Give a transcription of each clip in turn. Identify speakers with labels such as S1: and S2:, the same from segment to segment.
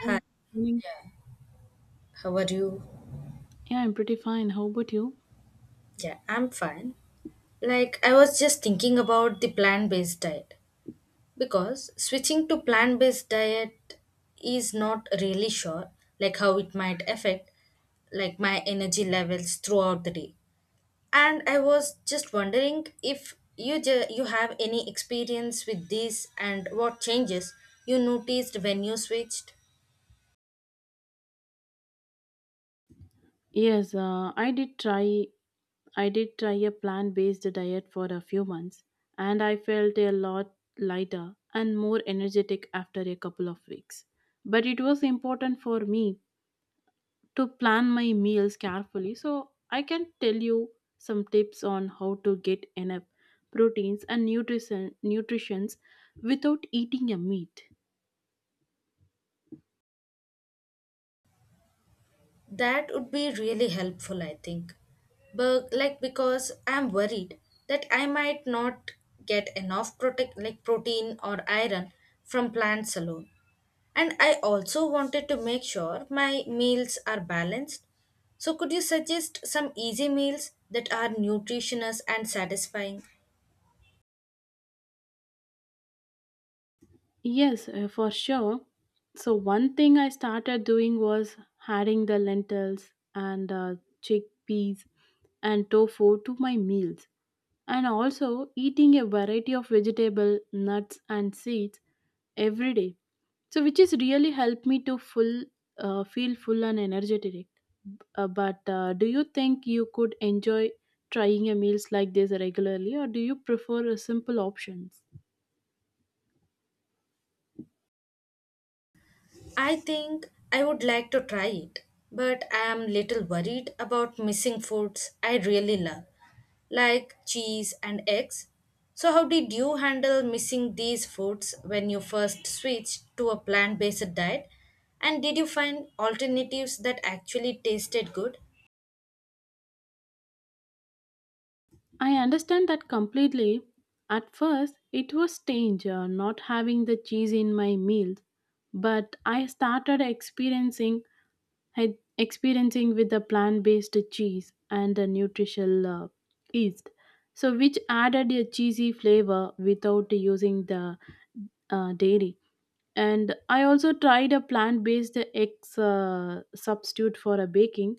S1: Hi,
S2: Hi,
S1: morning.
S2: how are you?
S1: Yeah, I'm pretty fine. How about you?
S2: Yeah, I'm fine. Like, I was just thinking about the plant based diet because switching to plant based diet is not really sure, like, how it might affect like my energy levels throughout the day, and I was just wondering if you have any experience with this and what changes you noticed when you switched.
S1: Yes, I did try a plant-based diet for a few months, and I felt a lot lighter and more energetic after a couple of weeks. But it was important for me to plan my meals carefully, so I can tell you some tips on how to get enough proteins and nutrition nutrients without eating a meat.
S2: That would be really helpful, I think. But like because I'm worried that I might not get enough protect like protein or iron from plants alone. And I also wanted to make sure my meals are balanced. So could you suggest some easy meals that are nutritious and satisfying?
S1: Yes, for sure. So one thing I started doing was adding the lentils and chickpeas and tofu to my meals, and also eating a variety of vegetable, nuts, and seeds every day. So which is really helped me to full feel full and energetic. But do you think you could enjoy trying a meals like this regularly, or do you prefer a simple options?
S2: I think I would like to try it, but I am little worried about missing foods I really love, like cheese and eggs. So how did you handle missing these foods when you first switched to a plant-based diet? And did you find alternatives that actually tasted good?
S1: I understand that completely. At first, it was strange not having the cheese in my meals, but I started experiencing with the plant-based cheese and the nutritional yeast, so which added a cheesy flavor without using the dairy. And I also tried a plant-based eggs substitute for a baking,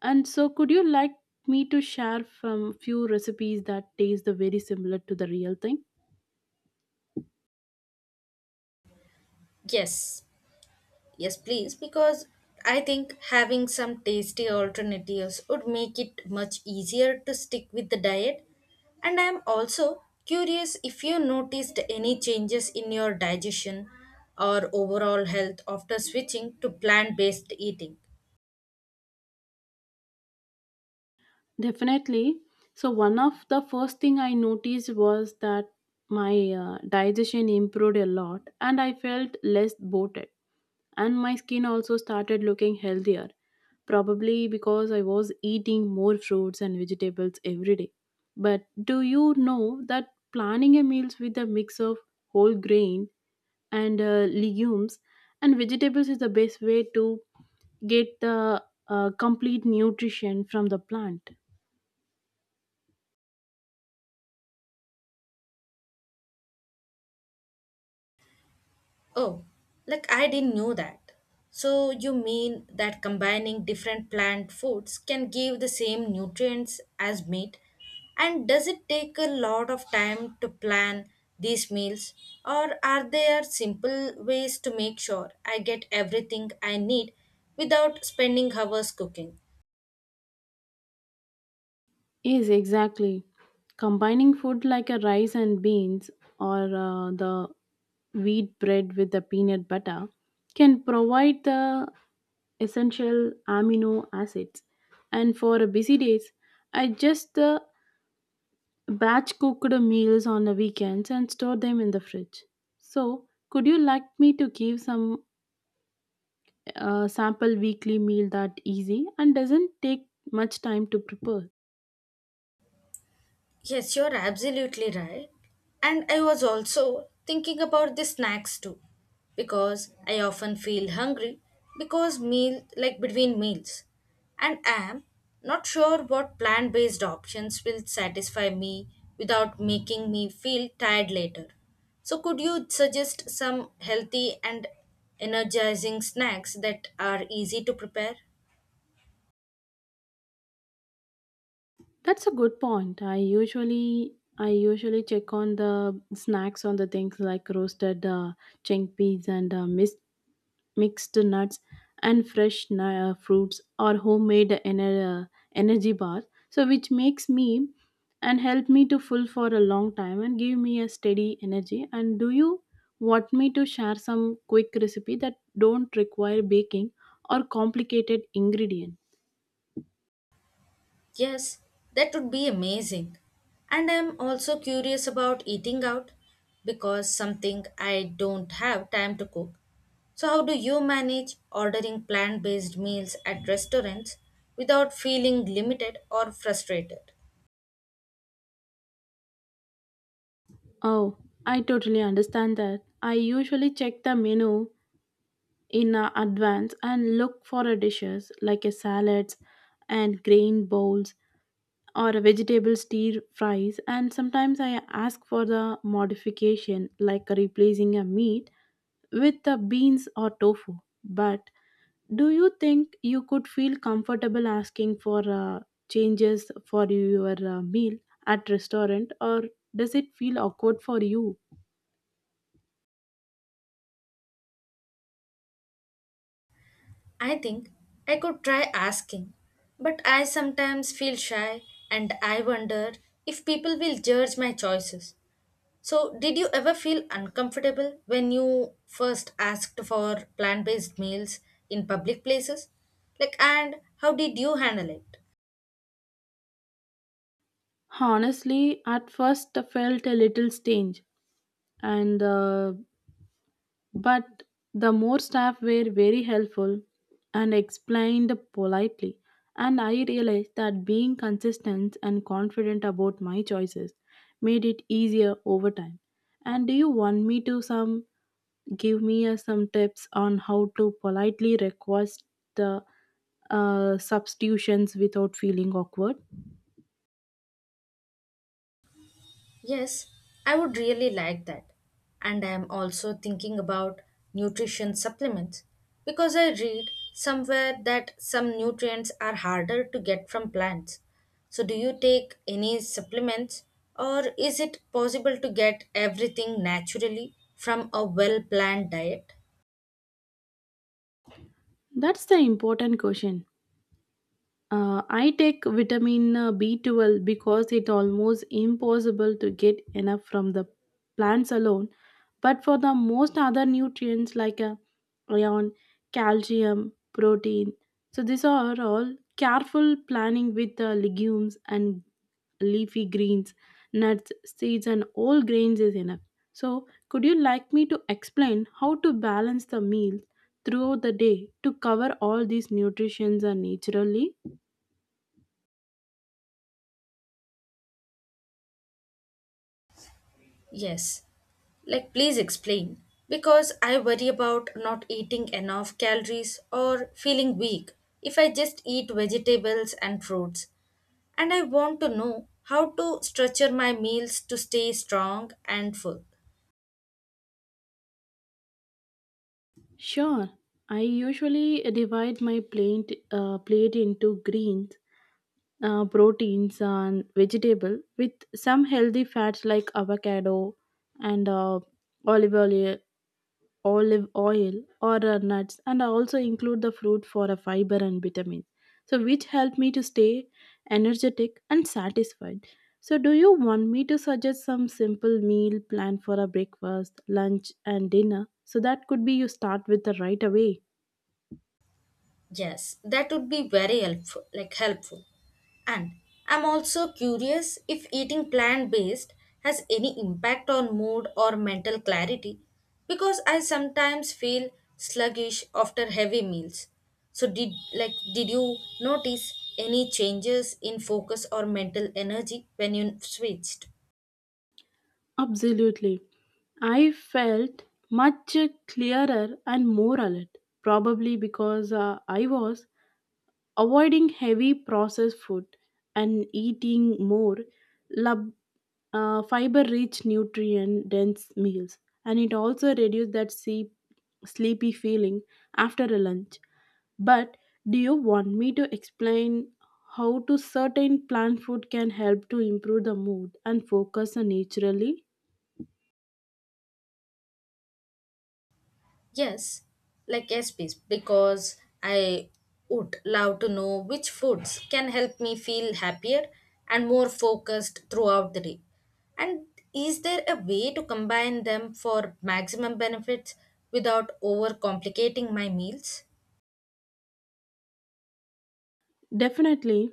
S1: and so, could you like me to share from few recipes that taste the very similar to the real thing?
S2: Yes, Yes, please, because I think having some tasty alternatives would make it much easier to stick with the diet. And I am also curious if you noticed any changes in your digestion or overall health after switching to plant based eating.
S1: Definitely. So one of the first thing I noticed was that my digestion improved a lot and I felt less bloated and my skin also started looking healthier probably because I was eating more fruits and vegetables every day. But do you know that planning a meals with a mix of whole grain and legumes and vegetables is the best way to get the complete nutrition from the plant?
S2: Oh, like I didn't know that. So you mean that combining different plant foods can give the same nutrients as meat? And does it take a lot of time to plan these meals, or are there simple ways to make sure I get everything I need without spending hours cooking?
S1: Yes, exactly. Combining food like a rice and beans or the wheat bread with the peanut butter can provide the essential amino acids. And for a busy days, I just batch cooked meals on the weekends and store them in the fridge. So, could you like me to give some sample weekly meal that easy and doesn't take much time to prepare?
S2: Yes, you're absolutely right. And I was also thinking about the snacks too, because I often feel hungry because meal like between meals, and am not sure what plant-based options will satisfy me without making me feel tired later. So could you suggest some healthy and energizing snacks that are easy to prepare?
S1: That's a good point. I usually check on the snacks on the things like roasted chickpeas and mixed nuts and fresh fruits or homemade energy bars. So which makes me and help me to full for a long time and give me a steady energy. And do you want me to share some quick recipe that don't require baking or complicated ingredient?
S2: Yes, that would be amazing. And I'm also curious about eating out because something I don't have time to cook. So how do you manage ordering plant-based meals at restaurants without feeling limited or frustrated?
S1: Oh, I totally understand that. I usually check the menu in advance and look for a dishes like a salads and grain bowls or a vegetable stir fries and sometimes I ask for the modification like replacing a meat with the beans or tofu. But do you think you could feel comfortable asking for changes for your meal at restaurant or does it feel awkward for you?
S2: I think I could try asking, but I sometimes feel shy and I wonder if people will judge my choices. So, did you ever feel uncomfortable when you first asked for plant based meals in public places? Like, and how did you handle it?
S1: Honestly, at first I felt a little strange, and but the more staff were very helpful and explained politely, and I realized that being consistent and confident about my choices made it easier over time. And do you want me to some give me some tips on how to politely request the substitutions without feeling awkward?
S2: Yes, I would really like that. And I am also thinking about nutrition supplements because I read somewhere that some nutrients are harder to get from plants. So, do you take any supplements or is it possible to get everything naturally from a well planned diet?
S1: That's the important question. I take vitamin B12 because it almost impossible to get enough from the plants alone. But for the most other nutrients like iron, calcium, protein, so these are all careful planning with legumes and leafy greens, nuts, seeds, and all grains is enough. So, could you like me to explain how to balance the meal throughout the day to cover all these nutrients and naturally?
S2: Yes. Like, please explain. Because I worry about not eating enough calories or feeling weak if I just eat vegetables and fruits, and I want to know how to structure my meals to stay strong and full.
S1: Sure. I usually divide my plate into greens, proteins, and vegetable with some healthy fats like avocado and olive oil, olive oil or nuts, and I also include the fruit for a fiber and vitamins. So, which help me to stay energetic and satisfied. So, do you want me to suggest some simple meal plan for a breakfast, lunch, and dinner? So that could be you start with the right away.
S2: Yes, that would be very helpful. And I'm also curious if eating plant-based has any impact on mood or mental clarity because I sometimes feel sluggish after heavy meals. So did you notice any changes in focus or mental energy when you switched?
S1: Absolutely. I felt much clearer and more alert, probably because I was avoiding heavy processed food and eating more lab, fiber-rich, nutrient-dense meals. And it also reduced that sleepy feeling after a lunch. But do you want me to explain how to certain plant food can help to improve the mood and focus naturally?
S2: Yes, yes, please, because I would love to know which foods can help me feel happier and more focused throughout the day. And is there a way to combine them for maximum benefits without overcomplicating my meals?
S1: Definitely,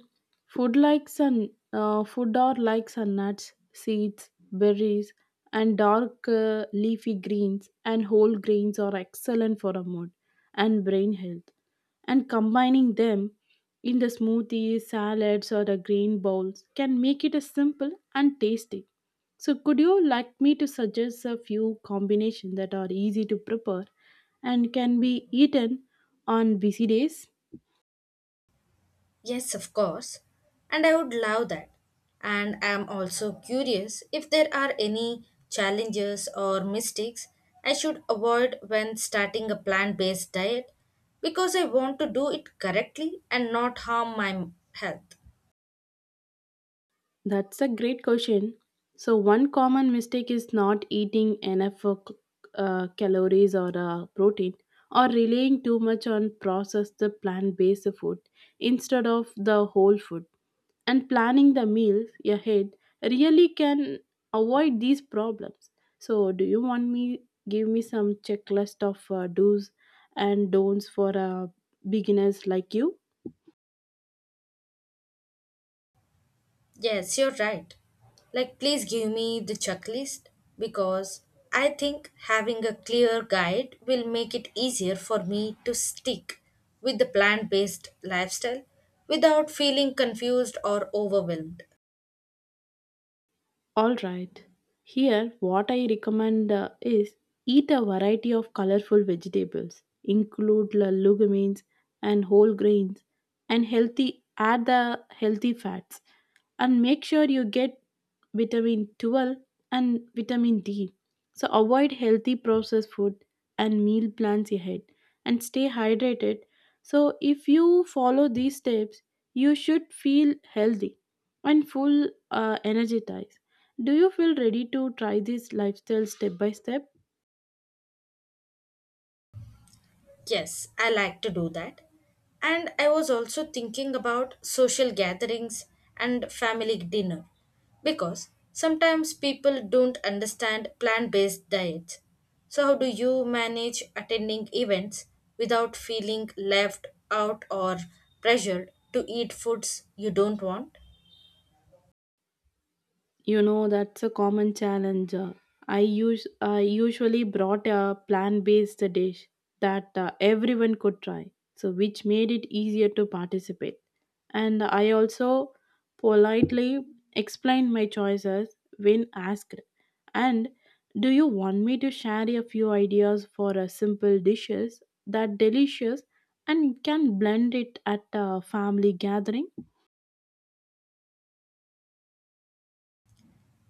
S1: food are likes and nuts, seeds, berries, and dark leafy greens and whole grains are excellent for a mood and brain health. And combining them in the smoothies, salads, or the grain bowls can make it a simple and tasty. So, could you like me to suggest a few combinations that are easy to prepare and can be eaten on busy days?
S2: Yes, of course. And I would love that. And I am also curious if there are any challenges or mistakes I should avoid when starting a plant based diet because I want to do it correctly and not harm my health.
S1: That's a great question. So, one common mistake is not eating enough for calories or protein or relying too much on processed plant based food instead of the whole food. And planning the meals ahead really can avoid these problems. So, do you want me give me some checklist of do's and don'ts for beginners like you?
S2: Yes, you're right. Like, please give me the checklist because I think having a clear guide will make it easier for me to stick with the plant based lifestyle without feeling confused or overwhelmed.
S1: All right. Here, what I recommend is eat a variety of colorful vegetables, include legumes and whole grains, and healthy add the healthy fats, and make sure you get vitamin 12 and vitamin D. So avoid healthy processed food and meal plans ahead, and stay hydrated. So if you follow these steps, you should feel healthy and full energized. Do you feel ready to try this lifestyle step by step?
S2: Yes, I like to do that. And I was also thinking about social gatherings and family dinner because sometimes people don't understand plant based diets. So, how do you manage attending events without feeling left out or pressured to eat foods you don't want?
S1: That's a common challenge. I usually brought a plant-based dish that everyone could try, so which made it easier to participate. And I also politely explained my choices when asked. And do you want me to share a few ideas for simple dishes that delicious and can blend it at a family gathering?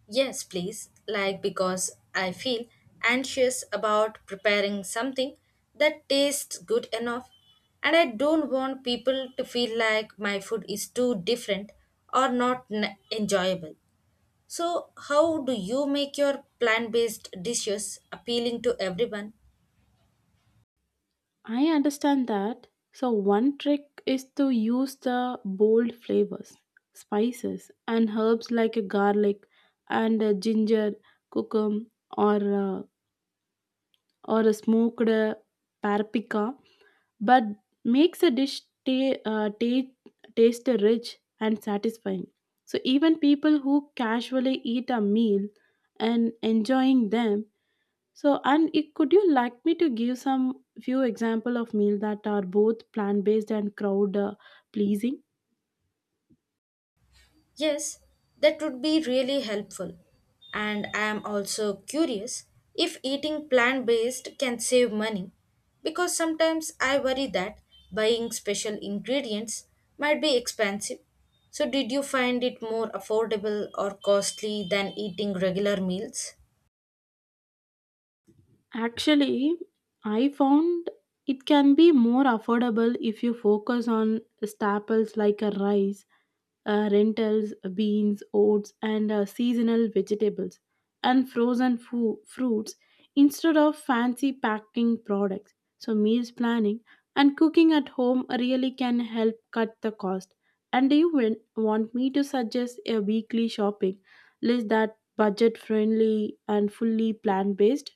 S2: Yes, please. Like, because I feel anxious about preparing something that tastes good enough, and I don't want people to feel like my food is too different or not enjoyable. So, how do you make your plant based dishes appealing to everyone?
S1: I understand that. So, one trick is to use the bold flavors, spices, and herbs like a garlic and a ginger, cookum, or uh, or a smoked paprika, but makes a dish taste rich and satisfying. So, even people who casually eat a meal and enjoying them so, and it, could you like me to give some few example of meal that are both plant based and crowd pleasing?
S2: Yes, that would be really helpful. And I am also curious if eating plant based can save money because sometimes I worry that buying special ingredients might be expensive. So, did you find it more affordable or costly than eating regular meals?
S1: Actually, I found it can be more affordable if you focus on staples like a rice, rentals, beans, oats, and seasonal vegetables and frozen fruits instead of fancy packing products. So, meals planning and cooking at home really can help cut the cost. And do you want me to suggest a weekly shopping list that budget friendly and fully plant based?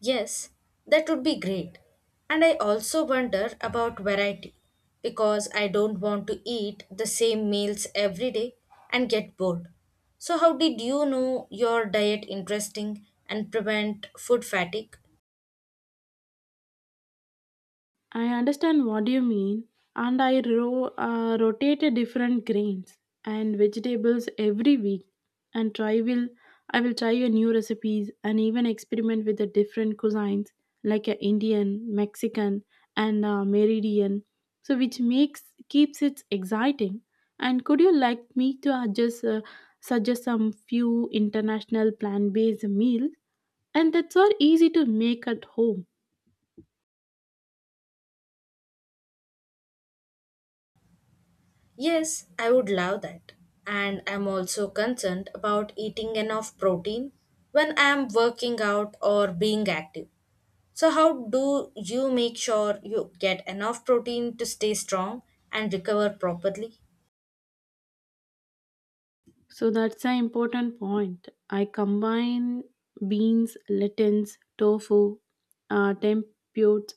S2: Yes, that would be great. And I also wonder about variety because I don't want to eat the same meals every day and get bored. So, how did you know your diet interesting and prevent food fatigue?
S1: I understand what you mean, and I rotate different grains and vegetables every week, and try will I will try your new recipes and even experiment with the different cuisines like a Indian, Mexican, and Meridian. So which makes keeps it exciting. And could you like me to suggest some few international plant-based meals? And that's all easy to make at home.
S2: Yes, I would love that. And I'm also concerned about eating enough protein when I'm working out or being active. So, how do you make sure you get enough protein to stay strong and recover properly?
S1: So that's an important point. I combine beans, lentils, tofu, tempeh,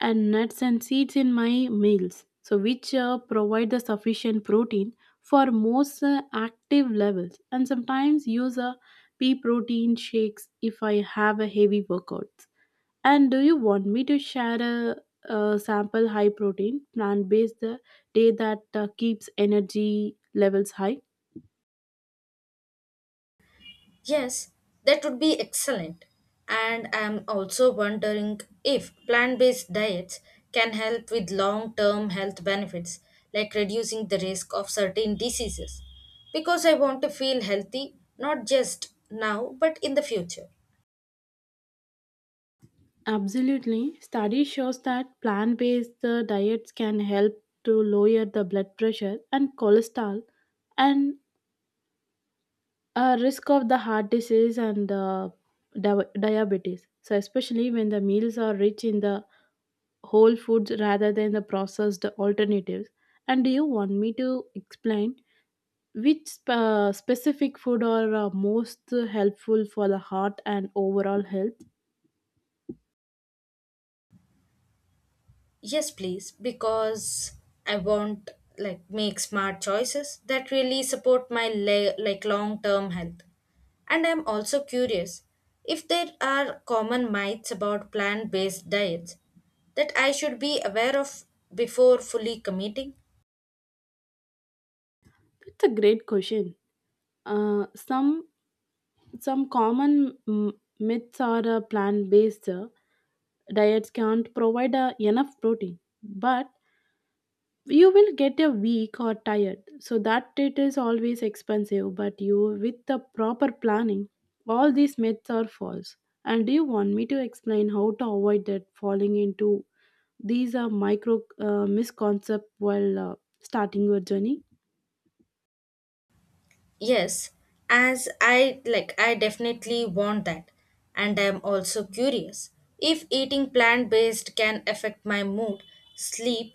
S1: and nuts and seeds in my meals. So which provide the sufficient protein for most active levels, and sometimes use a pea protein shakes if I have a heavy workouts. And do you want me to share a sample high protein plant based day that keeps energy levels high?
S2: Yes, that would be excellent. And I'm also wondering if plant based diets can help with long term health benefits, like reducing the risk of certain diseases. Because I want to feel healthy, not just now, but in the future.
S1: Absolutely. Study shows that plant-based diets can help to lower the blood pressure and cholesterol and risk of the heart disease and diabetes. So especially when the meals are rich in the whole foods rather than the processed alternatives. And do you want me to explain which specific food are most helpful for the heart and overall health?
S2: Yes, please, because I want like make smart choices that really support my long-term health. And I'm also curious if there are common myths about plant-based diets that I should be aware of before fully committing.
S1: That's a great question. Uh, some Some common myths are plant based diets can't provide enough protein, but you will get a weak or tired. So that it is always expensive, but you with the proper planning, all these myths are false. And do you want me to explain how to avoid that falling into these micro misconceptions while starting your journey?
S2: Yes, as I like, I definitely want that. And I'm also curious if eating plant based can affect my mood, sleep,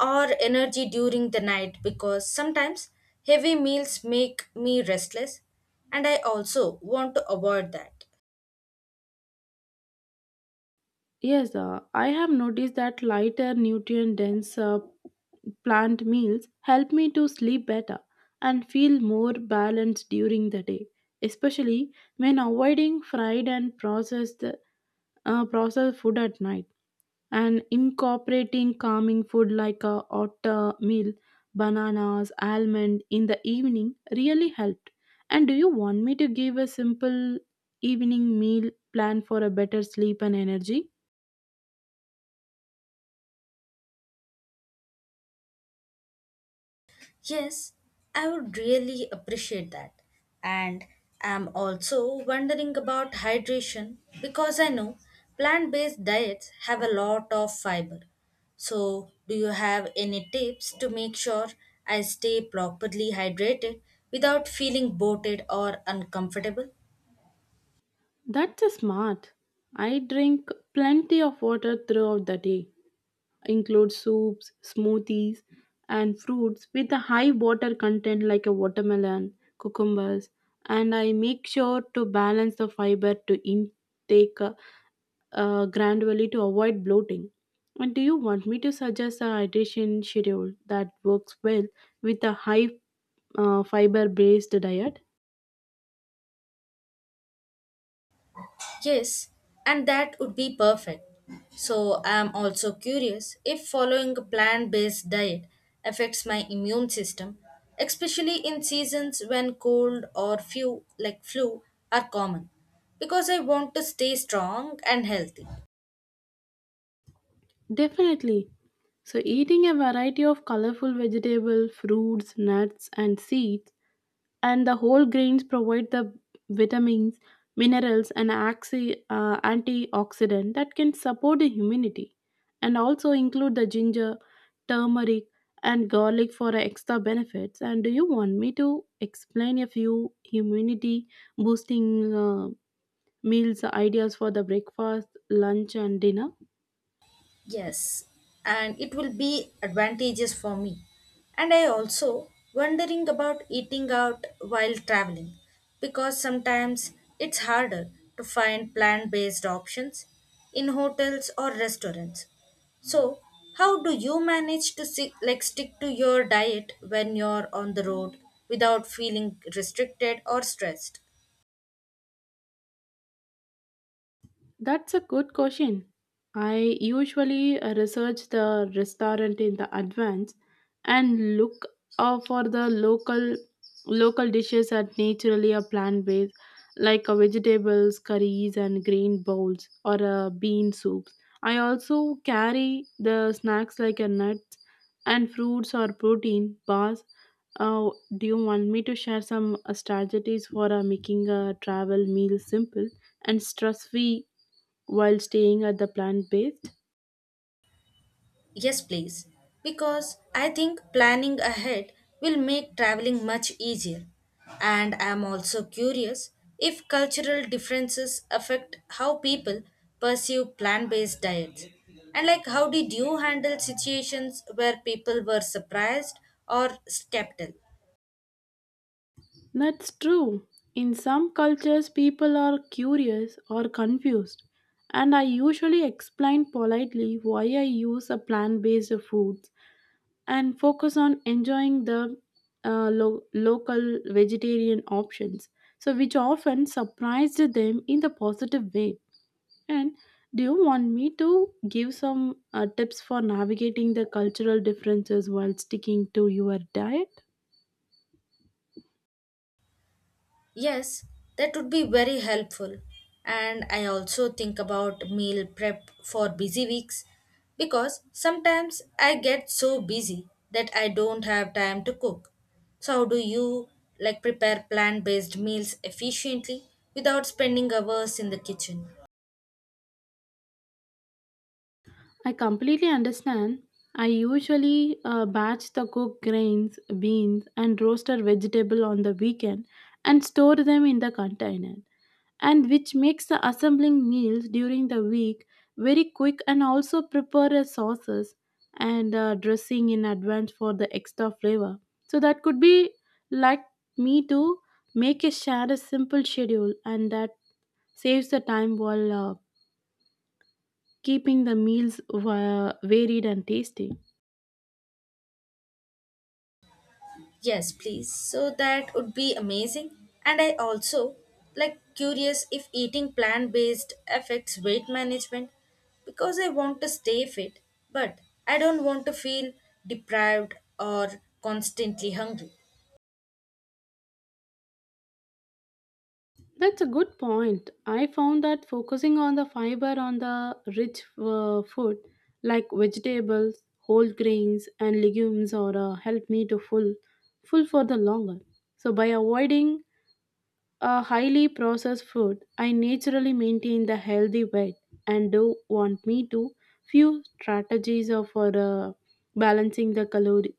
S2: or energy during the night because sometimes heavy meals make me restless, and I also want to avoid that.
S1: Yes, I have noticed that lighter, nutrient dense plant meals help me to sleep better and feel more balanced during the day, especially when avoiding fried and processed food at night and incorporating calming food like a oatmeal, bananas, almond in the evening really helped. And do you want me to give a simple evening meal plan for a better sleep and energy?
S2: Yes, I would really appreciate that. And I'm also wondering about hydration because I know plant based diets have a lot of fiber. So, do you have any tips to make sure I stay properly hydrated without feeling bloated or uncomfortable?
S1: That's smart. I drink plenty of water throughout the day, include soups, smoothies, and fruits with a high water content like a watermelon, cucumbers, and I make sure to balance the fiber to intake gradually to avoid bloating. And do you want me to suggest a hydration schedule that works well with a high fiber based diet?
S2: Yes, and that would be perfect. So, I am also curious if following a plant based diet affects my immune system, especially in seasons when cold or few, like flu, are common, because I want to stay strong and healthy.
S1: Definitely. So, eating a variety of colorful vegetables, fruits, nuts, and seeds, and the whole grains provide the vitamins, minerals, and antioxidant that can support the immunity, and also include the ginger, turmeric, and garlic for extra benefits. And do you want me to explain a few immunity boosting meals ideas for the breakfast, lunch, and dinner?
S2: Yes, and it will be advantageous for me. And I also wondering about eating out while traveling because sometimes it's harder to find plant-based options in hotels or restaurants. So, how do you manage to stick to your diet when you're on the road without feeling restricted or stressed?
S1: That's a good question. I usually research the restaurant in the advance and look for the local dishes that naturally are plant based, like vegetables, curries, and green bowls or bean soups. I also carry the snacks like nuts and fruits or protein bars. Uh, do you want me to share some strategies for making a travel meal simple and stress free while staying at the plant based?
S2: Yes, please. Because I think planning ahead will make traveling much easier. And I am also curious if cultural differences affect how people perceive plant based diets. And, like, how did you handle situations where people were surprised or skeptical?
S1: That's true. In some cultures, people are curious or confused, and I usually explain politely why I use a plant based foods and focus on enjoying the local vegetarian options, so which often surprised them in the positive way. And do you want me to give some tips for navigating the cultural differences while sticking to your diet?
S2: Yes, that would be very helpful. And I also think about meal prep for busy weeks because sometimes I get so busy that I don't have time to cook. So how do you like prepare plant-based meals efficiently without spending hours in the kitchen?
S1: I completely understand. I usually batch the cooked grains, beans, and roasted vegetable on the weekend and store them in the container, and which makes the assembling meals during the week very quick and also prepare a sauces and dressing in advance for the extra flavor. So that could be like me to make a share a simple schedule, and that saves the time while keeping the meals varied and tasty.
S2: Yes, please. So that would be amazing. And I also like curious if eating plant-based affects weight management because I want to stay fit, but I don't want to feel deprived or constantly hungry.
S1: That's a good point. I found that focusing on the fiber on the rich food like vegetables, whole grains and legumes or help me to full for the longer. So by avoiding a highly processed food, I naturally maintain the healthy weight and do want me to few strategies of for balancing the calorie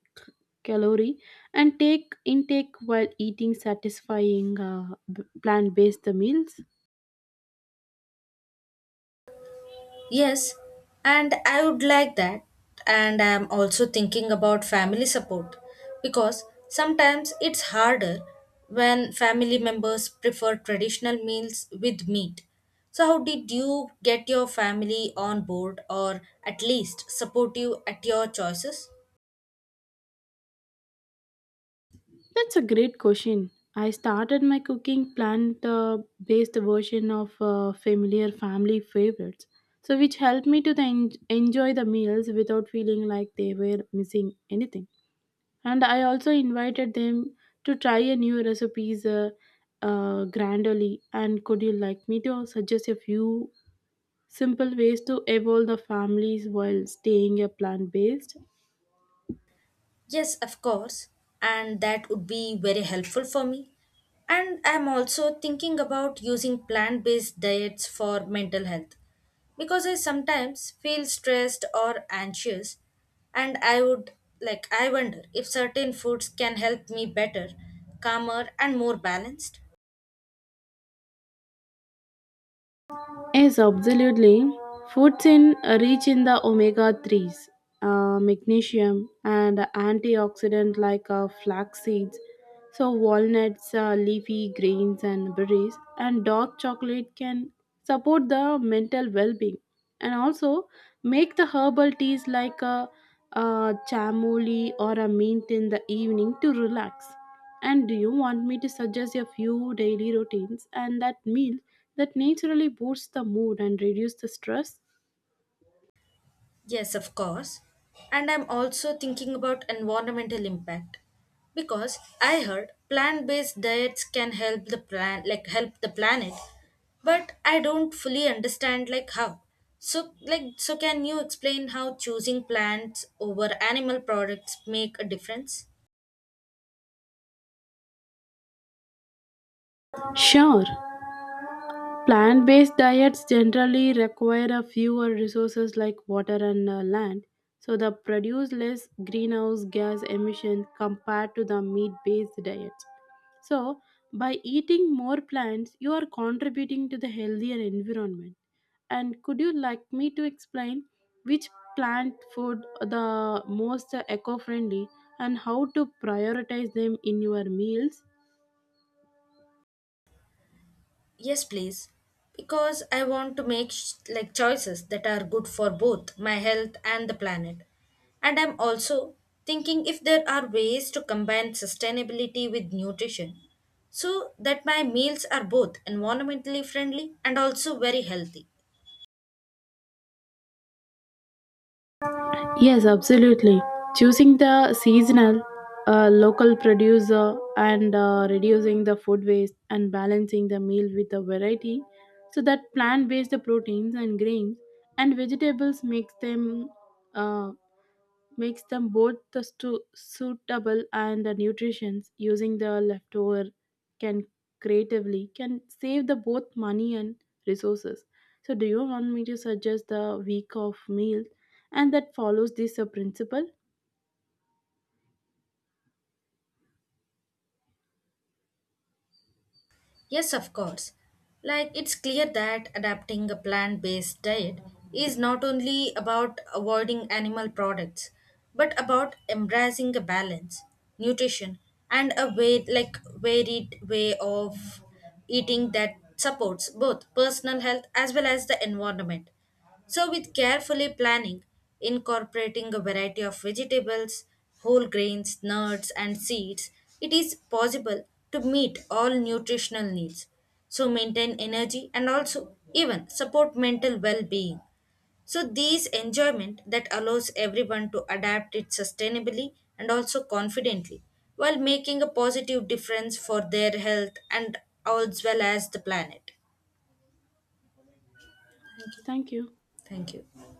S1: calorie and take intake while eating satisfying plant-based meals.
S2: Yes, and I would like that. And I am also thinking about family support because sometimes it's harder when family members prefer traditional meals with meat. So, how did you get your family on board or at least supportive at your choices?
S1: That's a great question. I started my cooking plan the based version of familiar family favorites, so which helped me to the enjoy the meals without feeling like they were missing anything. And I also invited them to try a new recipes gradually. And could you like me to suggest a few simple ways to evolve the families while staying a plant based?
S2: Yes, of course. And that would be very helpful for me. And I'm also thinking about using plant based diets for mental health because I sometimes feel stressed or anxious. And I wonder if certain foods can help me better, calmer, and more balanced.
S1: Yes, absolutely. Foods in rich in the omega 3s, magnesium, and antioxidant like flax seeds, so walnuts, leafy greens, and berries, and dark chocolate can support the mental well being and also make the herbal teas like chamomile or a mint in the evening to relax. And do you want me to suggest a few daily routines and that meal that naturally boosts the mood and reduce the stress?
S2: Yes, of course. And I'm also thinking about environmental impact because I heard plant-based diets can help the plan like help the planet, but I don't fully understand like how. So can you explain how choosing plants over animal products make a difference?
S1: Sure. Plant based diets generally require a fewer resources like water and land, so they produce less greenhouse gas emissions compared to the meat based diets. So, by eating more plants, you are contributing to the healthier environment. And could you like me to explain which plant food are the most eco-friendly and how to prioritize them in your meals?
S2: Yes, please. Because I want to make choices that are good for both my health and the planet. And I'm also thinking if there are ways to combine sustainability with nutrition so that my meals are both environmentally friendly and also very healthy.
S1: Yes, absolutely. Choosing the seasonal, local producer, and reducing the food waste and balancing the meal with a variety so that plant based proteins and grains and vegetables makes them. Uh, Mix them both the suitable and the nutrition using the leftover can creatively can save the both money and resources. So do you want me to suggest the week of meal and that follows this principle?
S2: Yes, of course. Like, it's clear that adapting a plant based diet is not only about avoiding animal products, but about embracing a balance, nutrition, and a way, like, varied way of eating that supports both personal health as well as the environment. So, with carefully planning, incorporating a variety of vegetables, whole grains, nuts, and seeds, it is possible to meet all nutritional needs. So, maintain energy and also even support mental well being. So, these enjoyment that allows everyone to adapt it sustainably and also confidently while making a positive difference for their health and as well as the planet. Thank you.
S1: Thank you.
S2: Thank you.